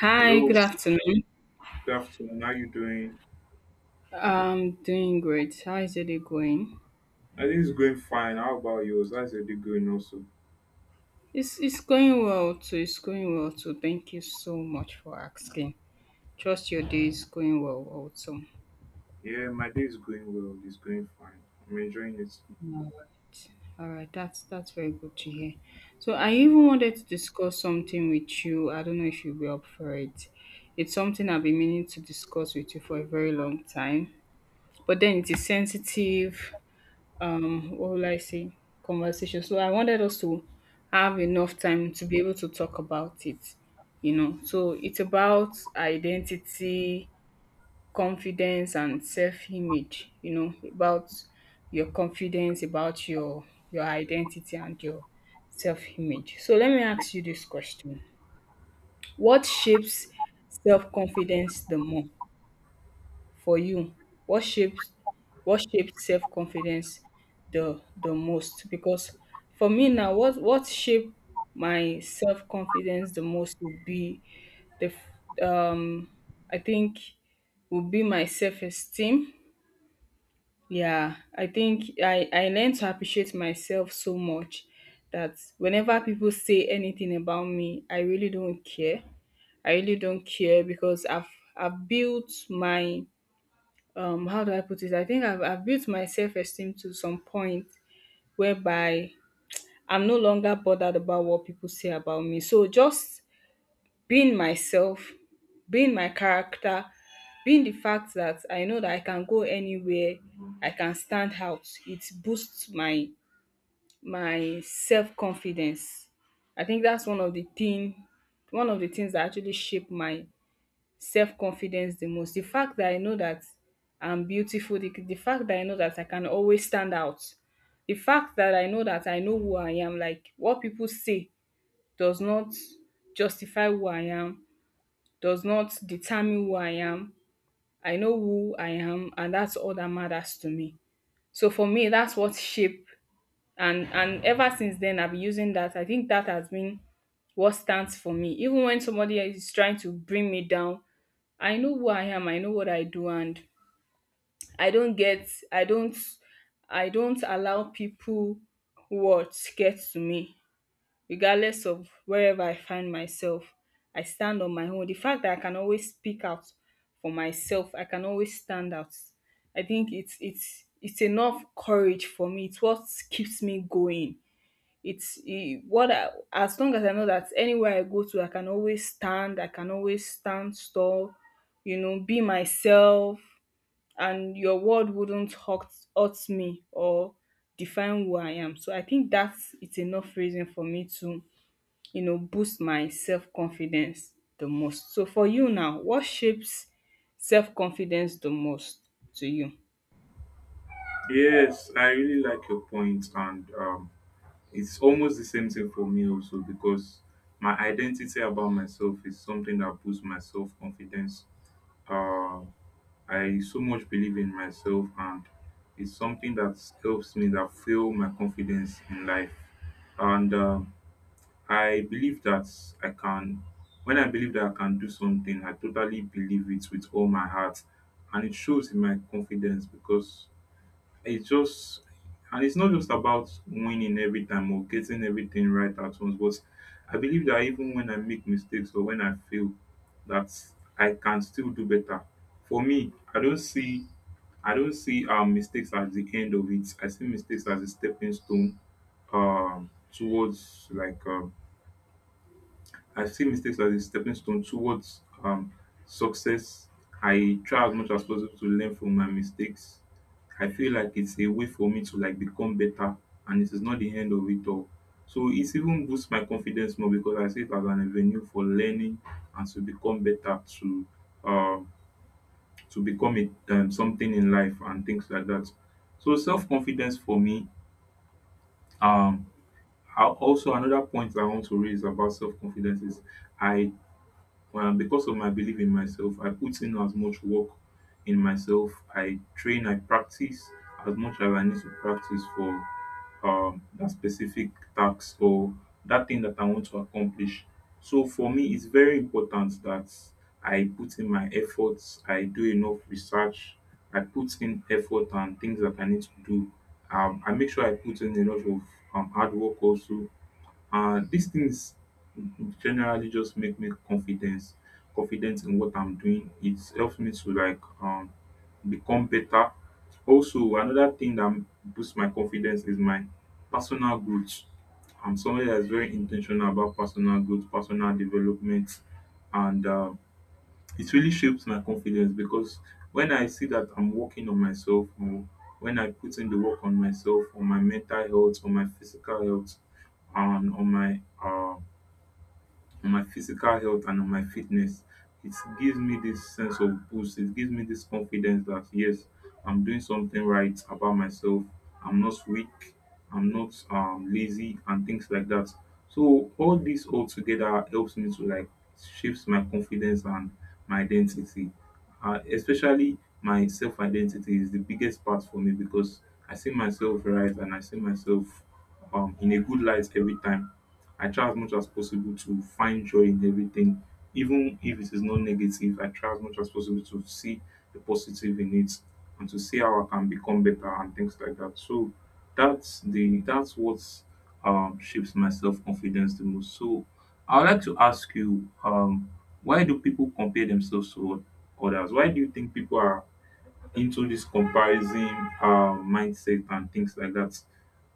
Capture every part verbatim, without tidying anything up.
Hi, Hello, good afternoon. good afternoon. How you doing? I'm doing great. How is your day going? My day is going fine. How about yours? How's your day going also? It's it's going well too. It's going well too. Thank you so much for asking. Trust your day is going well also. Yeah, my day is going well. It's going fine. I'm enjoying it. All right. All right. That's that's very good to hear. So I even wanted to discuss something with you. I don't know if you'll be up for it. It's something I've been meaning to discuss with you for a very long time. But then it is sensitive, um what will I say, conversation. So I wanted us to have enough time to be able to talk about it. You know, so it's about identity, confidence and self-image, you know, about your confidence, about your your identity and your self-image. So let me ask you this question. What shapes self-confidence the more? For you, what shapes what shaped self confidence the the most? Because for me now, what what shaped my self confidence the most would be the f- um I think would be my self esteem. Yeah, I think I I learned to appreciate myself so much that whenever people say anything about me, I really don't care. I really don't care because I've I've built my, um how do I put it? I think I've I've built my self-esteem to some point whereby I'm no longer bothered about what people say about me. So just being myself, being my character, being the fact that I know that I can go anywhere, I can stand out. It boosts my my self-confidence. I think that's one of the thing one of the things that actually shape my self-confidence the most. The fact that I know that I'm beautiful, the, the fact that I know that I can always stand out, the fact that I know that I know who I am, like what people say does not justify who I am, does not determine who I am. I know who I am, and that's all that matters to me. So for me, that's what shape. And and ever since then, I've been using that. I think that has been what stands for me even when somebody is trying to bring me down. I know who I am, I know what I do, and i don't get i don't I don't allow people what get to me regardless of wherever I find myself. I stand on my own. The fact that I can always speak out for myself, I can always stand out. I think it's it's it's enough courage for me. It's what keeps me going. It's e what I As long as I know that anywhere I go to, I can always stand, I can always stand tall, you know, be myself, and your word wouldn't hurt hurt me or define who I am. So I think that's it's enough reason for me to, you know, boost my self-confidence the most. So for you now, what shapes self-confidence the most to you? Yes, I really like your point, and um, it's almost the same thing for me also because my identity about myself is something that boosts my self confidence. Uh, I so much believe in myself, and it's something that helps me that fuel my confidence in life. And um I believe that I can, when I believe that I can do something, I totally believe it with all my heart. And it shows in my confidence because it's just, and it's not just about winning every time or getting everything right at once, but I believe that even when I make mistakes or when I fail, that I can still do better. For me, I don't see I don't see um, mistakes as the end of it. I see mistakes as a stepping stone um, towards like um, I see mistakes as a stepping stone towards um, success. I try as much as possible to learn from my mistakes. I feel like it's a way for me to like become better, and it is not the end of it all. So it's even boosts my confidence more because I see it as an avenue for learning and to become better, to uh, to become it um, something in life and things like that. So self confidence for me. Um, I- also another point I want to raise about self confidence is I um because of my belief in myself I put in as much work in myself. I train, I practice as much as I need to practice for um that specific task or that thing that I want to accomplish. So for me it's very important that I put in my efforts, I do enough research, I put in effort and things that I need to do. um, I make sure I put in a lot of um, hard work also, and these things generally just make me confidence confident in what I'm doing. It helps me to like um become better. Also, another thing that boosts my confidence is my personal growth. I'm somebody that's very intentional about personal growth, personal development, and um, it really shapes my confidence because when I see that I'm working on myself, or when I put in the work on myself, on my mental health, on my physical health, and on my um on my physical health and on my fitness. It gives me this sense of boost. It gives me this confidence that yes, I'm doing something right about myself. I'm not weak. I'm not um, lazy and things like that. So all this all together helps me to like shapes my confidence and my identity. Uh, especially my self identity is the biggest part for me because I see myself right and I see myself um, in a good light every time. I try as much as possible to find joy in everything, even if it is not negative. I try as much as possible to see the positive in it and to see how I can become better and things like that. So that's the that's what um, shapes my self confidence the most. So I would like to ask you, um, why do people compare themselves to others? Why do you think people are into this comparison uh, mindset and things like that?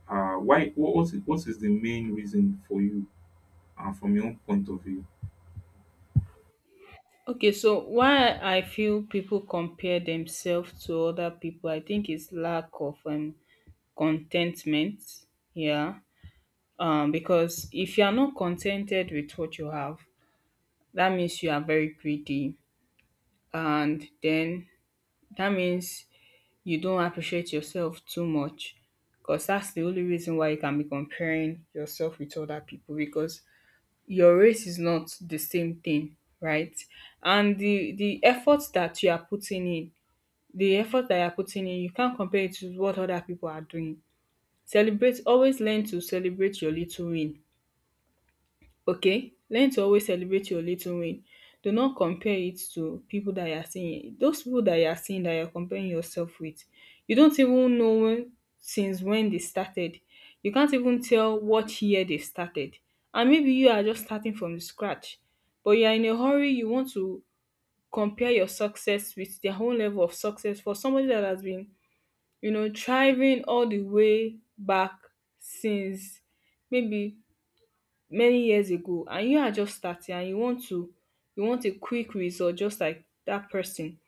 Uh, why? What, what is what is the main reason for you, and from your own point of view. Okay, so why I feel people compare themselves to other people, I think it's lack of um, contentment. Yeah. Um, because if you are not contented with what you have, that means you are very greedy. And then that means you don't appreciate yourself too much. Because that's the only reason why you can be comparing yourself with other people, because your race is not the same thing, right? And the, the efforts that you are putting in the effort that you're putting in, you can't compare it to what other people are doing. Celebrate, always learn to celebrate your little win. Okay? Learn to always celebrate your little win. Do not compare it to people that you're seeing. Those people that you're seeing that you're comparing yourself with, you don't even know when, since when they started. You can't even tell what year they started. And maybe you are just starting from scratch, but you are in a hurry. You want to compare your success with their own level of success, for somebody that has been, you know, thriving all the way back since maybe many years ago, and you are just starting and you want to you want a quick result just like that person.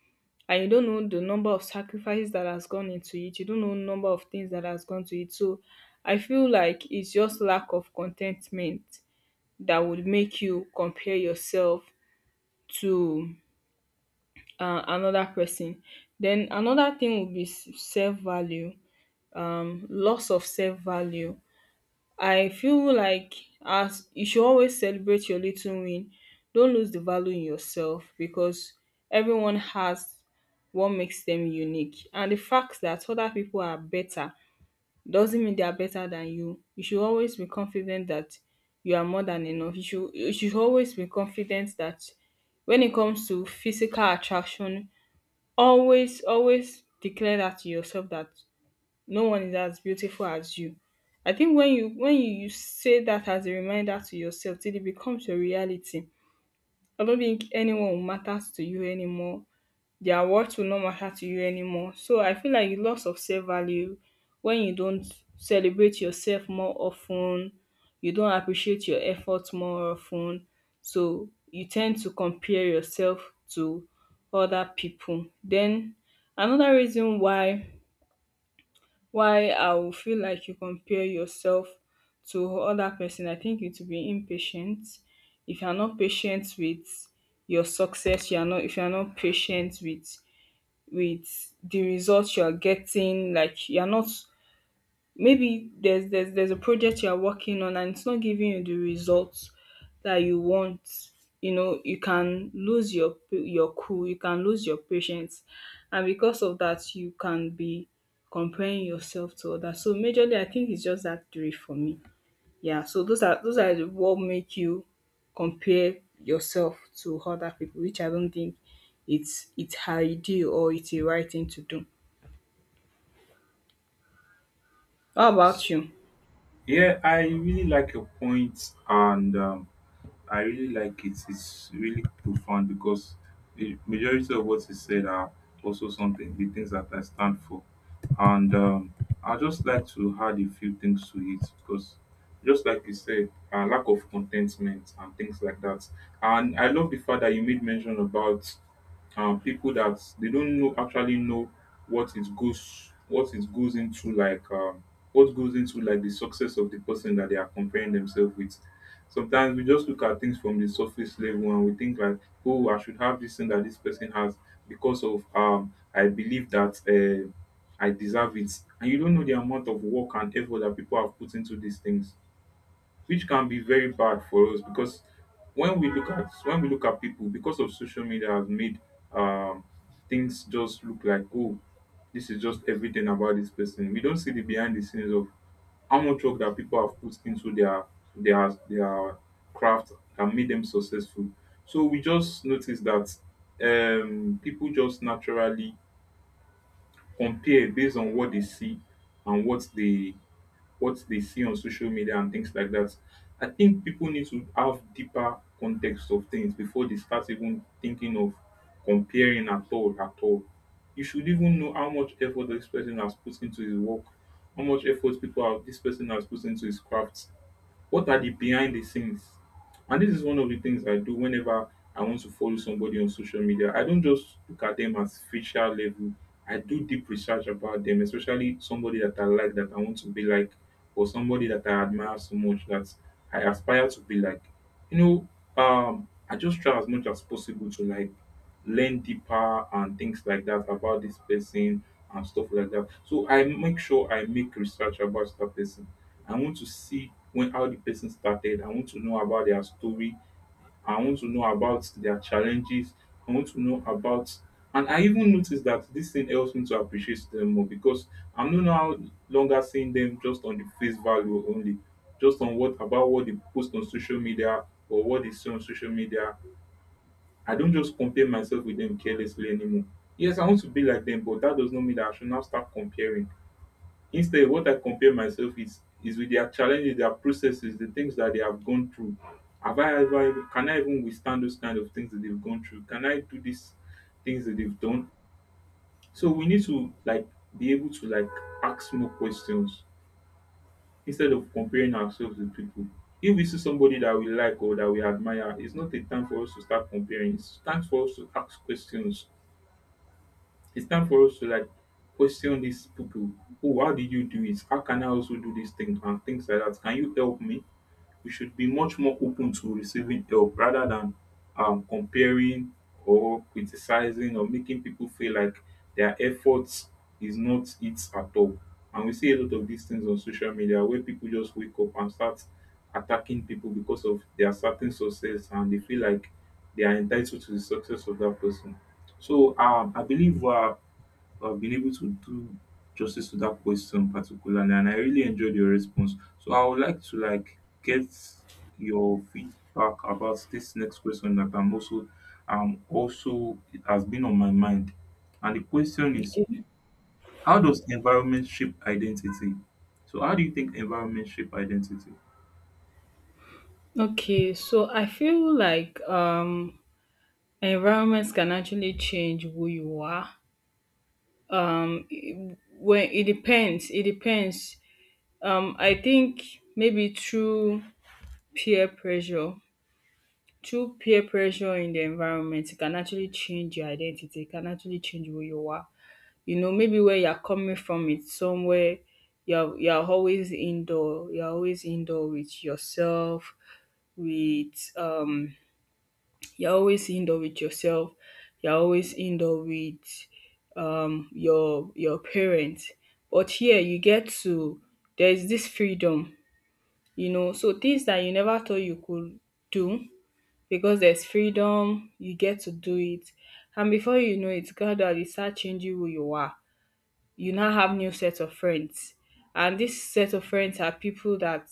And you don't know the number of sacrifices that has gone into it. You don't know number of things that has gone to it. So I feel like it's just lack of contentment that would make you compare yourself to uh, another person. Then another thing would be self value um loss of self value. I feel like as you should always celebrate your little win. Don't lose the value in yourself because everyone has what makes them unique. And the fact that other people are better doesn't mean they are better than you. You should always be confident that you are more than enough. You should you should always be confident that when it comes to physical attraction, always always declare that to yourself that no one is as beautiful as you. I think when you when you, you say that as a reminder to yourself till it becomes your reality. I don't think anyone matters to you anymore. Their words will not matter to you anymore. So I feel like loss of self-value, when you don't celebrate yourself more often, you don't appreciate your efforts more often, so you tend to compare yourself to other people. Then another reason why why I will feel like you compare yourself to other person, I think it will be impatient. If you are not patient with your success, you are not if you are not patient with with the results you are getting, like you are not, maybe there's there's there's a project you're working on and it's not giving you the results that you want. You know, you can lose your pa- your cool, you can lose your patience, and because of that you can be comparing yourself to others. So majorly I think it's just that three for me. Yeah, so those are those are the- what make you compare yourself to other people, which I don't think it's it's ideal or it's a right thing to do. How about you? Yeah, I really like your point, and um, I really like it. It's really profound because the majority of what you said are also something the things that I stand for, and um, I just like to add a few things to it because, just like you said, uh, lack of contentment and things like that. And I love the fact that you made mention about um, people that they don't know actually know what it goes what it goes into like um, what goes into like the success of the person that they are comparing themselves with. Sometimes we just look at things from the surface level and we think like, oh, I should have this thing that this person has because of um, I believe that uh, I deserve it, and you don't know the amount of work and effort that people have put into these things, which can be very bad for us because when we look at when we look at people because of social media has made um things just look like, oh, this is just everything about this person. We don't see the behind the scenes of how much work that people have put into their their their craft that made them successful. So we just notice that um people just naturally compare based on what they see and what they what they see on social media and things like that. I think people need to have deeper context of things before they start even thinking of comparing at all at all. You should even know how much effort this person has put into his work, how much effort people have this person has put into his craft. What are the behind the scenes? And this is one of the things I do whenever I want to follow somebody on social media. I don't just look at them as facial level. I do deep research about them, especially somebody that I like that I want to be like, or somebody that I admire so much that I aspire to be like. You know, um, I just try as much as possible to like learn deeper and things like that about this person and stuff like that. So I make sure I make research about that person. I want to see when how the person started. I want to know about their story. I want to know about their challenges. I want to know about, and I even noticed that this thing helps me to appreciate them more because I'm no now longer seeing them just on the face value only, just on what about what they post on social media or what they see on social media. I don't just compare myself with them carelessly anymore. Yes, I want to be like them, but that does not mean that I should now start comparing. Instead, what I compare myself is is with their challenges, their processes, the things that they have gone through. Have I ever can I even withstand those kind of things that they've gone through? Can I do these things that they've done? So we need to like be able to like ask more questions instead of comparing ourselves with people. If we see somebody that we like or that we admire, it's not a time for us to start comparing. It's time for us to ask questions. It's time for us to like question these people. Oh, how did you do it? How can I also do this thing and things like that? Can you help me? We should be much more open to receiving help rather than um, comparing or criticizing or making people feel like their efforts is not it at all. And we see a lot of these things on social media where people just wake up and start attacking people because of their certain success and they feel like they are entitled to the success of that person. So um, I believe we are I've been able to do justice to that question particularly, and I really enjoyed your response. So I would like to like get your feedback about this next question that I'm also um also it has been on my mind. And the question is Okay. how does environment shape identity? So how do you think environment shape identity? Okay, so I feel like um environments can actually change who you are. Um it- when It depends, it depends. Um I think maybe through peer pressure, through peer pressure in the environment. It can actually change your identity, it can actually change who you are. You know, maybe where you're coming from, it's somewhere you're you're always indoor, you're always indoor with yourself, with, um you always end up with yourself you always end up with um your your parents. But here you get to, there's this freedom. You know, so things that you never thought you could do, because there's freedom you get to do it. And before you know it, God, that it start changing who you are. You now have new set of friends, and this set of friends are people that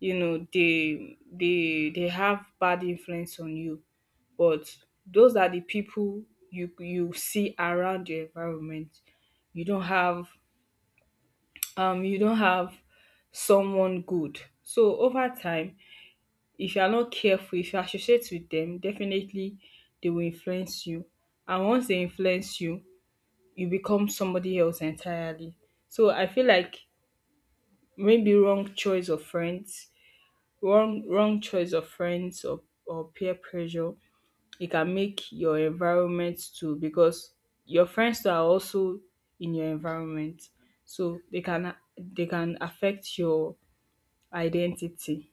you know they they they have bad influence on you, but those are the people you you see around your environment. You don't have um you don't have someone good. So over time, if you are not careful, if you associate with them, definitely they will influence you. And once they influence you, you become somebody else entirely. So I feel like maybe wrong choice of friends, wrong wrong choice of friends, or, or peer pressure. It can make your environment too, because your friends too are also in your environment, so they can they can affect your identity.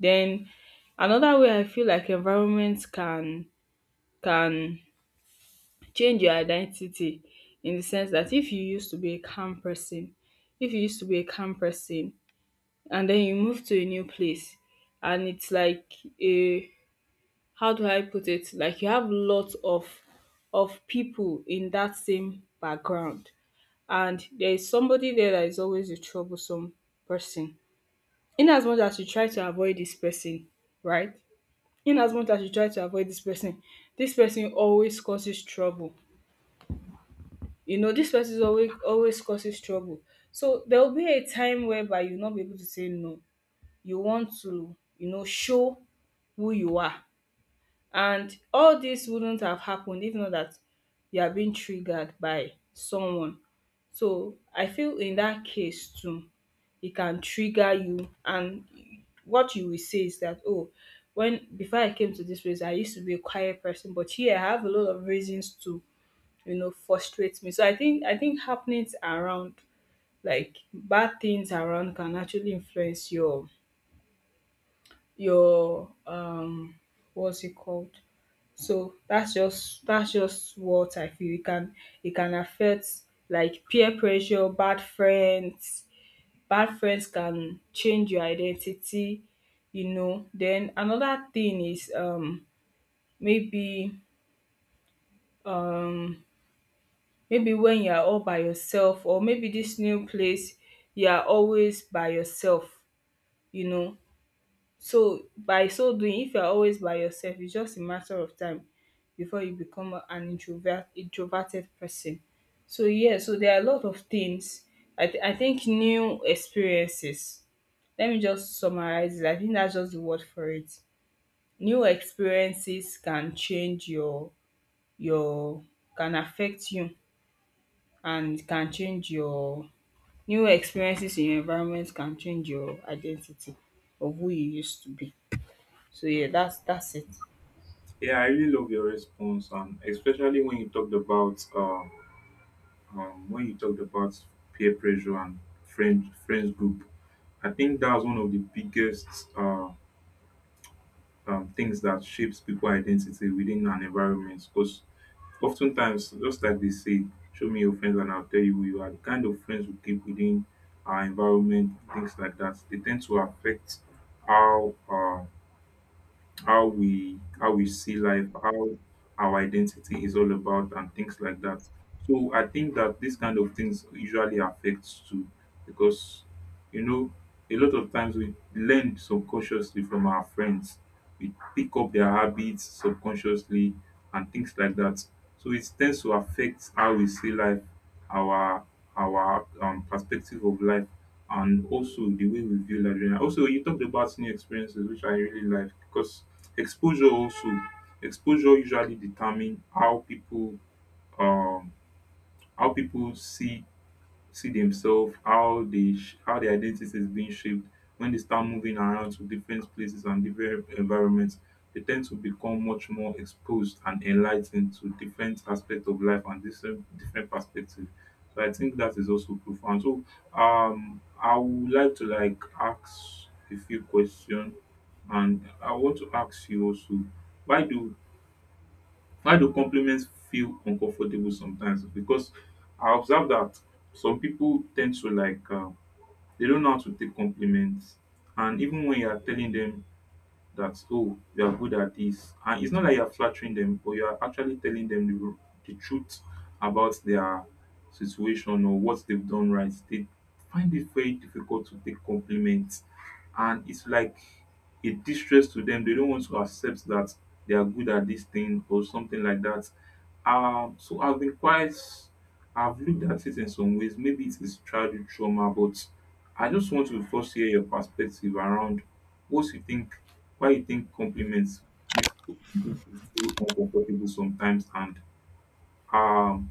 Then another way I feel like environment can can change your identity, in the sense that if you used to be a calm person, if you used to be a calm person and then you move to a new place, and it's like a how do I put it? Like you have lots of of people in that same background, and there is somebody there that is always a troublesome person. In as much as you try to avoid this person, right? In as much as you try to avoid this person, this person always causes trouble. You know, this person is always always causes trouble. So there will be a time whereby you'll not be able to say no. You want to, you know, show who you are. And all this wouldn't have happened if not that you are being triggered by someone. So I feel in that case too, it can trigger you. And what you will say is that, oh, when before I came to this place, I used to be a quiet person, but here I have a lot of reasons to, you know, frustrate me. So I think I think happenings around, like bad things around, can actually influence your your um what's it called? So that's just that's just what I feel. It can, it can affect, like peer pressure, bad friends. Bad friends can change your identity, you know. Then another thing is um maybe um maybe when you are all by yourself or maybe this new place you are always by yourself, you know. So by so doing if you are always by yourself it's just a matter of time before you become a- an introvert introverted person. So yeah, so there are a lot of things I, th- I think new experiences. Let me just summarize it. I think that's just the word for it. New experiences can change your your can affect you and can change your new experiences in your environment can change your identity of who you used to be. So yeah, that's that's it. Yeah, I really love your response, and especially when you talked about um um, when you talked about peer pressure and friend friends group, I think that's one of the biggest uh, um, things that shapes people identity within an environment. Because oftentimes, just like they say, show me your friends and I'll tell you who you are. The kind of friends we keep within our environment, things like that, they tend to affect how uh, how we how we see life, how our identity is all about, and things like that. So I think that these kind of things usually affects too, because you know a lot of times we learn subconsciously from our friends. We pick up their habits subconsciously and things like that. So it tends to affect how we see life, our our um, perspective of life, and also the way we view life. Also, you talked about new experiences, which I really like because exposure also, exposure usually determine how people um how people see see themselves, how they sh- how their identity is being shaped. When they start moving around to different places and different environments, they tend to become much more exposed and enlightened to different aspects of life and different different perspectives. So I think that is also profound. So um, I would like to like ask a few questions, and I want to ask you also, why do why do compliments feel uncomfortable sometimes? Because I observe that some people tend to like um, they don't know how to take compliments, and even when you are telling them that, oh, you are good at this, and it's not like you're flattering them, but you're actually telling them the, r- the truth about their situation or what they've done right, they find it very difficult to take compliments, and it's like a distress to them. They don't want to accept that they are good at this thing or something like that. Um so I've been quite, I've looked at it in some ways, maybe it is childhood trauma, but I just want to first hear your perspective around what you think, why you think compliments makes people feel uncomfortable sometimes, and um,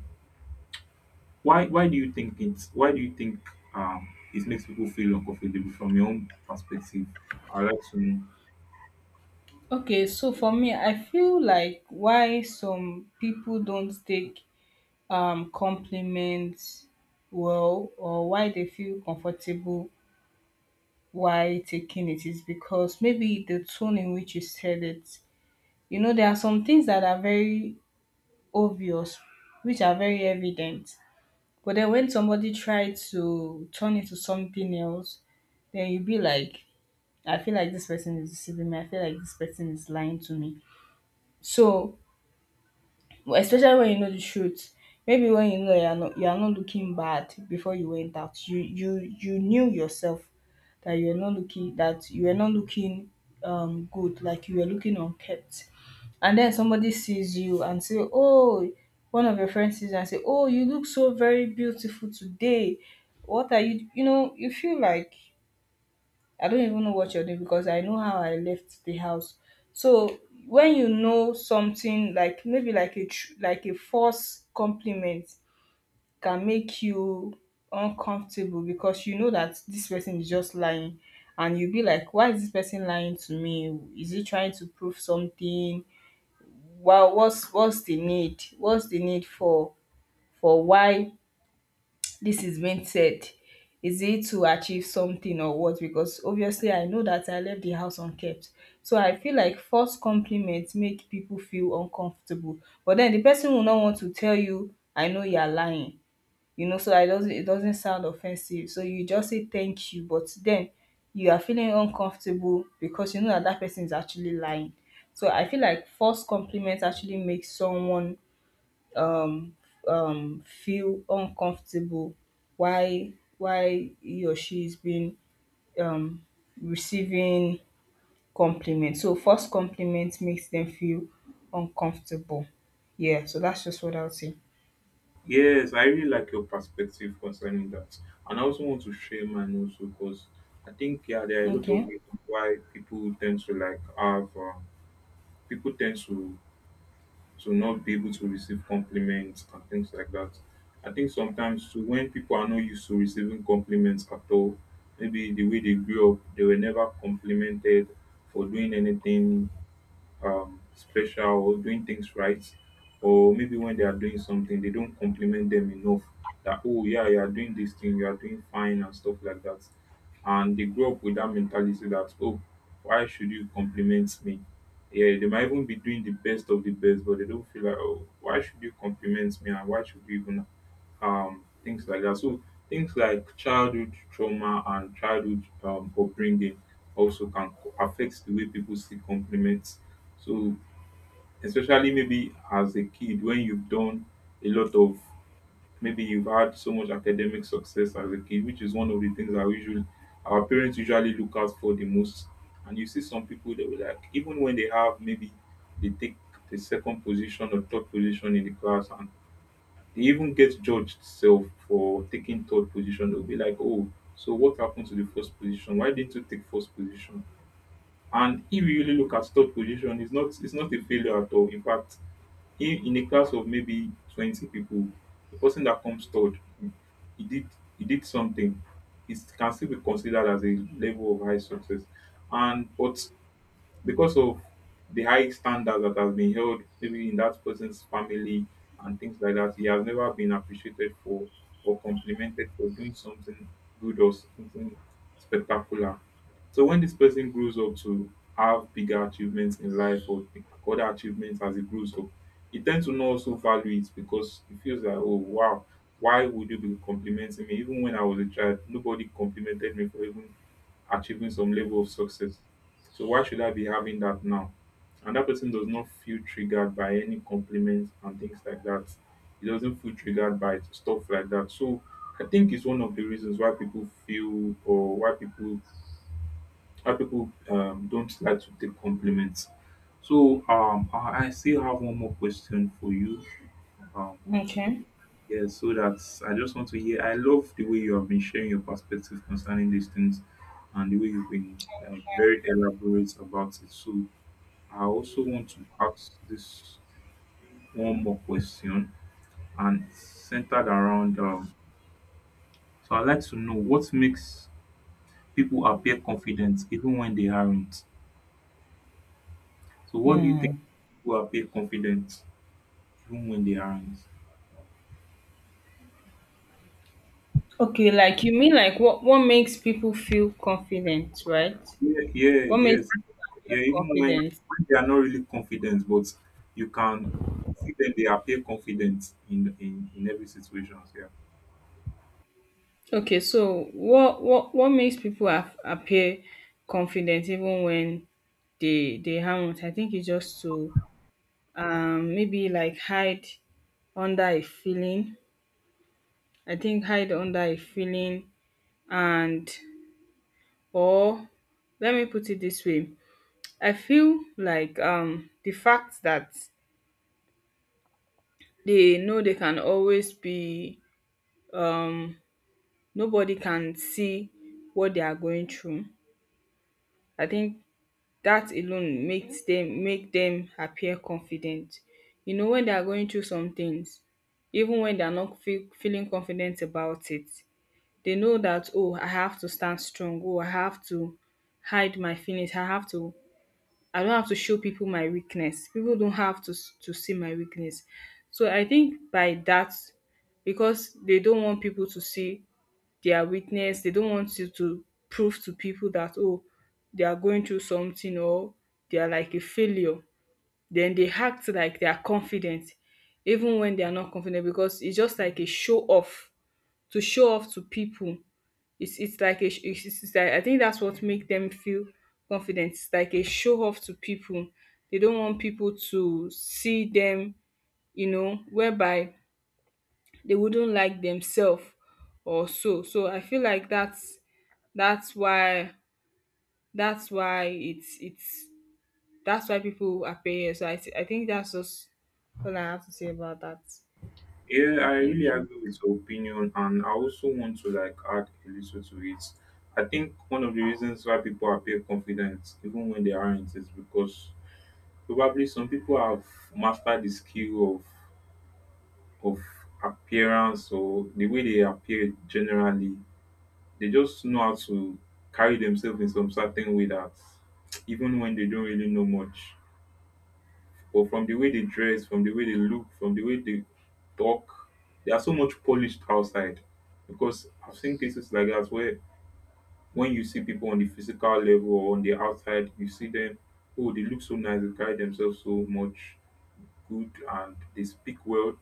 why why do you think it? Why do you think um, it makes people feel uncomfortable from your own perspective? I would like to know. Okay, so for me, I feel like why some people don't take um compliments well or why they feel comfortable why taking it is because maybe the tone in which you said it. You know, there are some things that are very obvious, which are very evident. But then when somebody tries to turn it to something else, then you be like, I feel like this person is deceiving me. I feel like this person is lying to me. So especially when you know the truth. Maybe when you know you are not you are not looking bad before you went out. You you you knew yourself that you are not looking that you were not looking um good, like you were looking unkempt. And then somebody sees you and say, oh, one of your friends sees you and say, oh, you look so very beautiful today. What are you you know, you feel like I don't even know what you're doing because I know how I left the house. So when you know something like maybe like a tr- like a false compliment can make you uncomfortable because you know that this person is just lying. And you'll be like, why is this person lying to me? Is he trying to prove something? Well, what's what's the need what's the need for for why this is being said? Is it to achieve something or what? Because obviously I know that I left the house unkept. So I feel like false compliments make people feel uncomfortable, but then the person will not want to tell you I know you're lying. You know, so I doesn't it doesn't sound offensive, so you just say thank you, but then you are feeling uncomfortable because you know that that person is actually lying. So I feel like false compliments actually make someone um, um, feel uncomfortable why why he or she is being um, receiving compliments. So first compliment makes them feel uncomfortable. Yeah, so that's just what I would say. Yes, I really like your perspective concerning that, and I also want to share mine also, because I think, yeah, there are a lot of Okay. reasons why people tend to like have uh, people tend to to not be able to receive compliments and things like that. I think sometimes too, when people are not used to receiving compliments at all, maybe the way they grew up, they were never complimented for doing anything um, special, or doing things right, or maybe when they are doing something, they don't compliment them enough that, oh, yeah, you are doing this thing, you are doing fine, and stuff like that. And they grow up with that mentality that, oh, why should you compliment me? Yeah, they might even be doing the best of the best, but they don't feel like, oh, why should you compliment me and why should you even um, things like that. So things like childhood trauma and childhood um, upbringing also can co- affect the way people see compliments. So especially maybe as a kid when you've done a lot of, maybe you've had so much academic success as a kid, which is one of the things that usually our parents usually look out for the most. And you see some people that were like, even when they have, maybe they take the second position or third position in the class, and they even get judged self for taking third position. They'll be like, oh, so what happened to the first position? Why didn't you take first position? And if you really look at third position, it's not, it's not a failure at all. In fact, in, in a class of maybe twenty people, the person that comes third, he he did he did something. It can still be considered as a level of high success. And but because of the high standards that have been held maybe in that person's family and things like that, he has never been appreciated for or complimented for doing something good or something spectacular. So when this person grows up to have bigger achievements in life or th- other achievements as he grows up, he tends to not also value it because he feels like, oh wow, why would you be complimenting me? Even when I was a child, nobody complimented me for even achieving some level of success. So why should I be having that now? And that person does not feel triggered by any compliments and things like that. He doesn't feel triggered by stuff like that. So I think it's one of the reasons why people feel, or why people, why people um, don't like to take compliments. So um, I I still have one more question for you. Um, Okay. yeah, so that's, I just want to hear. I love the way you have been sharing your perspective concerning these things, and the way you've been like very elaborate about it. So I also want to ask this one more question, and it's centered around um, so I'd like to know what makes people appear confident even when they aren't. So what do you think Hmm. people appear confident even when they aren't? Okay, like you mean like what what makes people feel confident, right? Yeah, yeah, What makes yes. people feel Yeah, even when, confident? when they are not really confident, but you can see them, they appear confident in in, in every situation. Yeah. Okay, so what what what makes people af- appear confident even when they they haven't? I think it's just to um maybe like hide under a feeling. I think hide under a feeling and or let me put it this way. I feel like um the fact that they know they can always be um nobody can see what they are going through. I think that alone makes them make them appear confident, you know, when they are going through some things even when they are not feel, feeling confident about it. They know that, oh, I have to stand strong, oh, I have to hide my feelings, I have to, I don't have to show people my weakness, people don't have to s- to see my weakness. So I think by that, because they don't want people to see their weakness, they don't want you to prove to people that, oh, they are going through something or they are like a failure, then they act like they are confident even when they are not confident, because it's just like a show off to show off to people. it's it's like a sh- it's, it's it's like, I think that's what make them feel confident. It's like a show off to people. They don't want people to see them, you know, whereby they wouldn't like themselves or so. So I feel like that's that's why that's why it's it's that's why people are paying us. So i, thi- I think that's just all I have to say about that. Yeah, I Thank really you. agree with your opinion, and I also want to like add a little to it. I think one of the reasons why people appear confident, even when they aren't, is because probably some people have mastered the skill of of appearance, or the way they appear generally. They just know how to carry themselves in some certain way that even when they don't really know much. But from the way they dress, from the way they look, from the way they talk, they are so much polished outside. Because I've seen cases like that where when you see people on the physical level or on the outside, you see them, oh, they look so nice, they carry themselves so much good, and they speak well.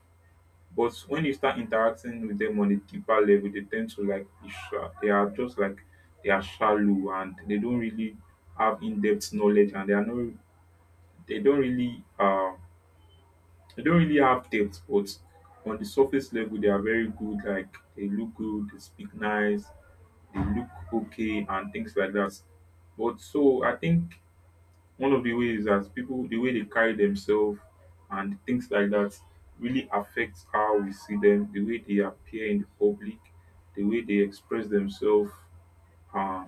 But when you start interacting with them on a deeper level, they tend to like be sha- they are just like they are shallow, and they don't really have in-depth knowledge, and they are not, they don't really um they don't really have depth, but on the surface level, they are very good. Like they look good, they speak nice, they look okay, and things like that. But so I think one of the ways that people, the way they carry themselves and things like that, really affects how we see them, the way they appear in the public, the way they express themselves, uh,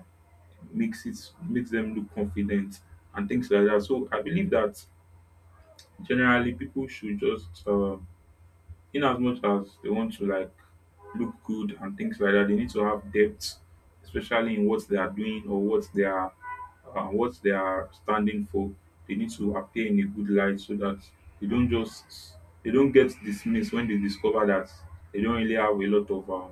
makes it, makes them look confident and things like that. So I believe that generally people should just uh, in as much as they want to like look good and things like that, they need to have depth, especially in what they are doing or what they are uh, what they are standing for. They need to appear in a good light so that they don't just, they don't get dismissed when they discover that they don't really have a lot of uh,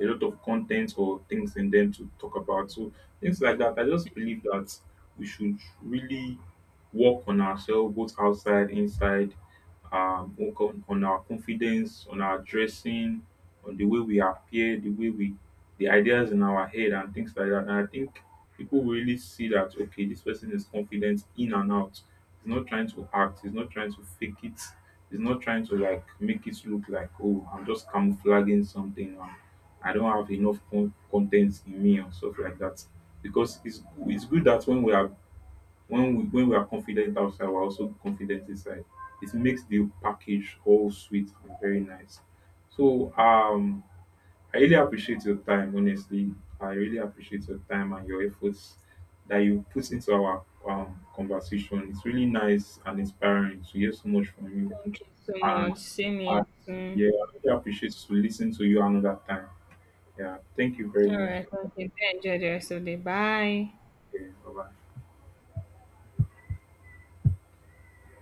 a lot of content or things in them to talk about. So things like that. I just believe that we should really work on ourselves, both outside, inside, um, work on, on our confidence, on our dressing, on the way we appear, the way we, the ideas in our head and things like that. And I think people will really see that, okay, this person is confident in and out. He's not trying to act, he's not trying to fake it, he's not trying to like make it look like, oh, I'm just camouflaging something. I don't have enough con- content in me and stuff like that. Because it's it's good that when we are, when we when we are confident outside, we're also confident inside. It makes the package all sweet and very nice. So um I really appreciate your time, honestly. I really appreciate your time and your efforts that you put into our um, conversation. It's really nice and inspiring to hear so much from you. Thank you so And much. Same I, here. yeah, Soon. I really appreciate to listen to you another time. Yeah, thank you very All much. right, okay, do enjoy the rest of the day. Bye. Okay. Bye-bye.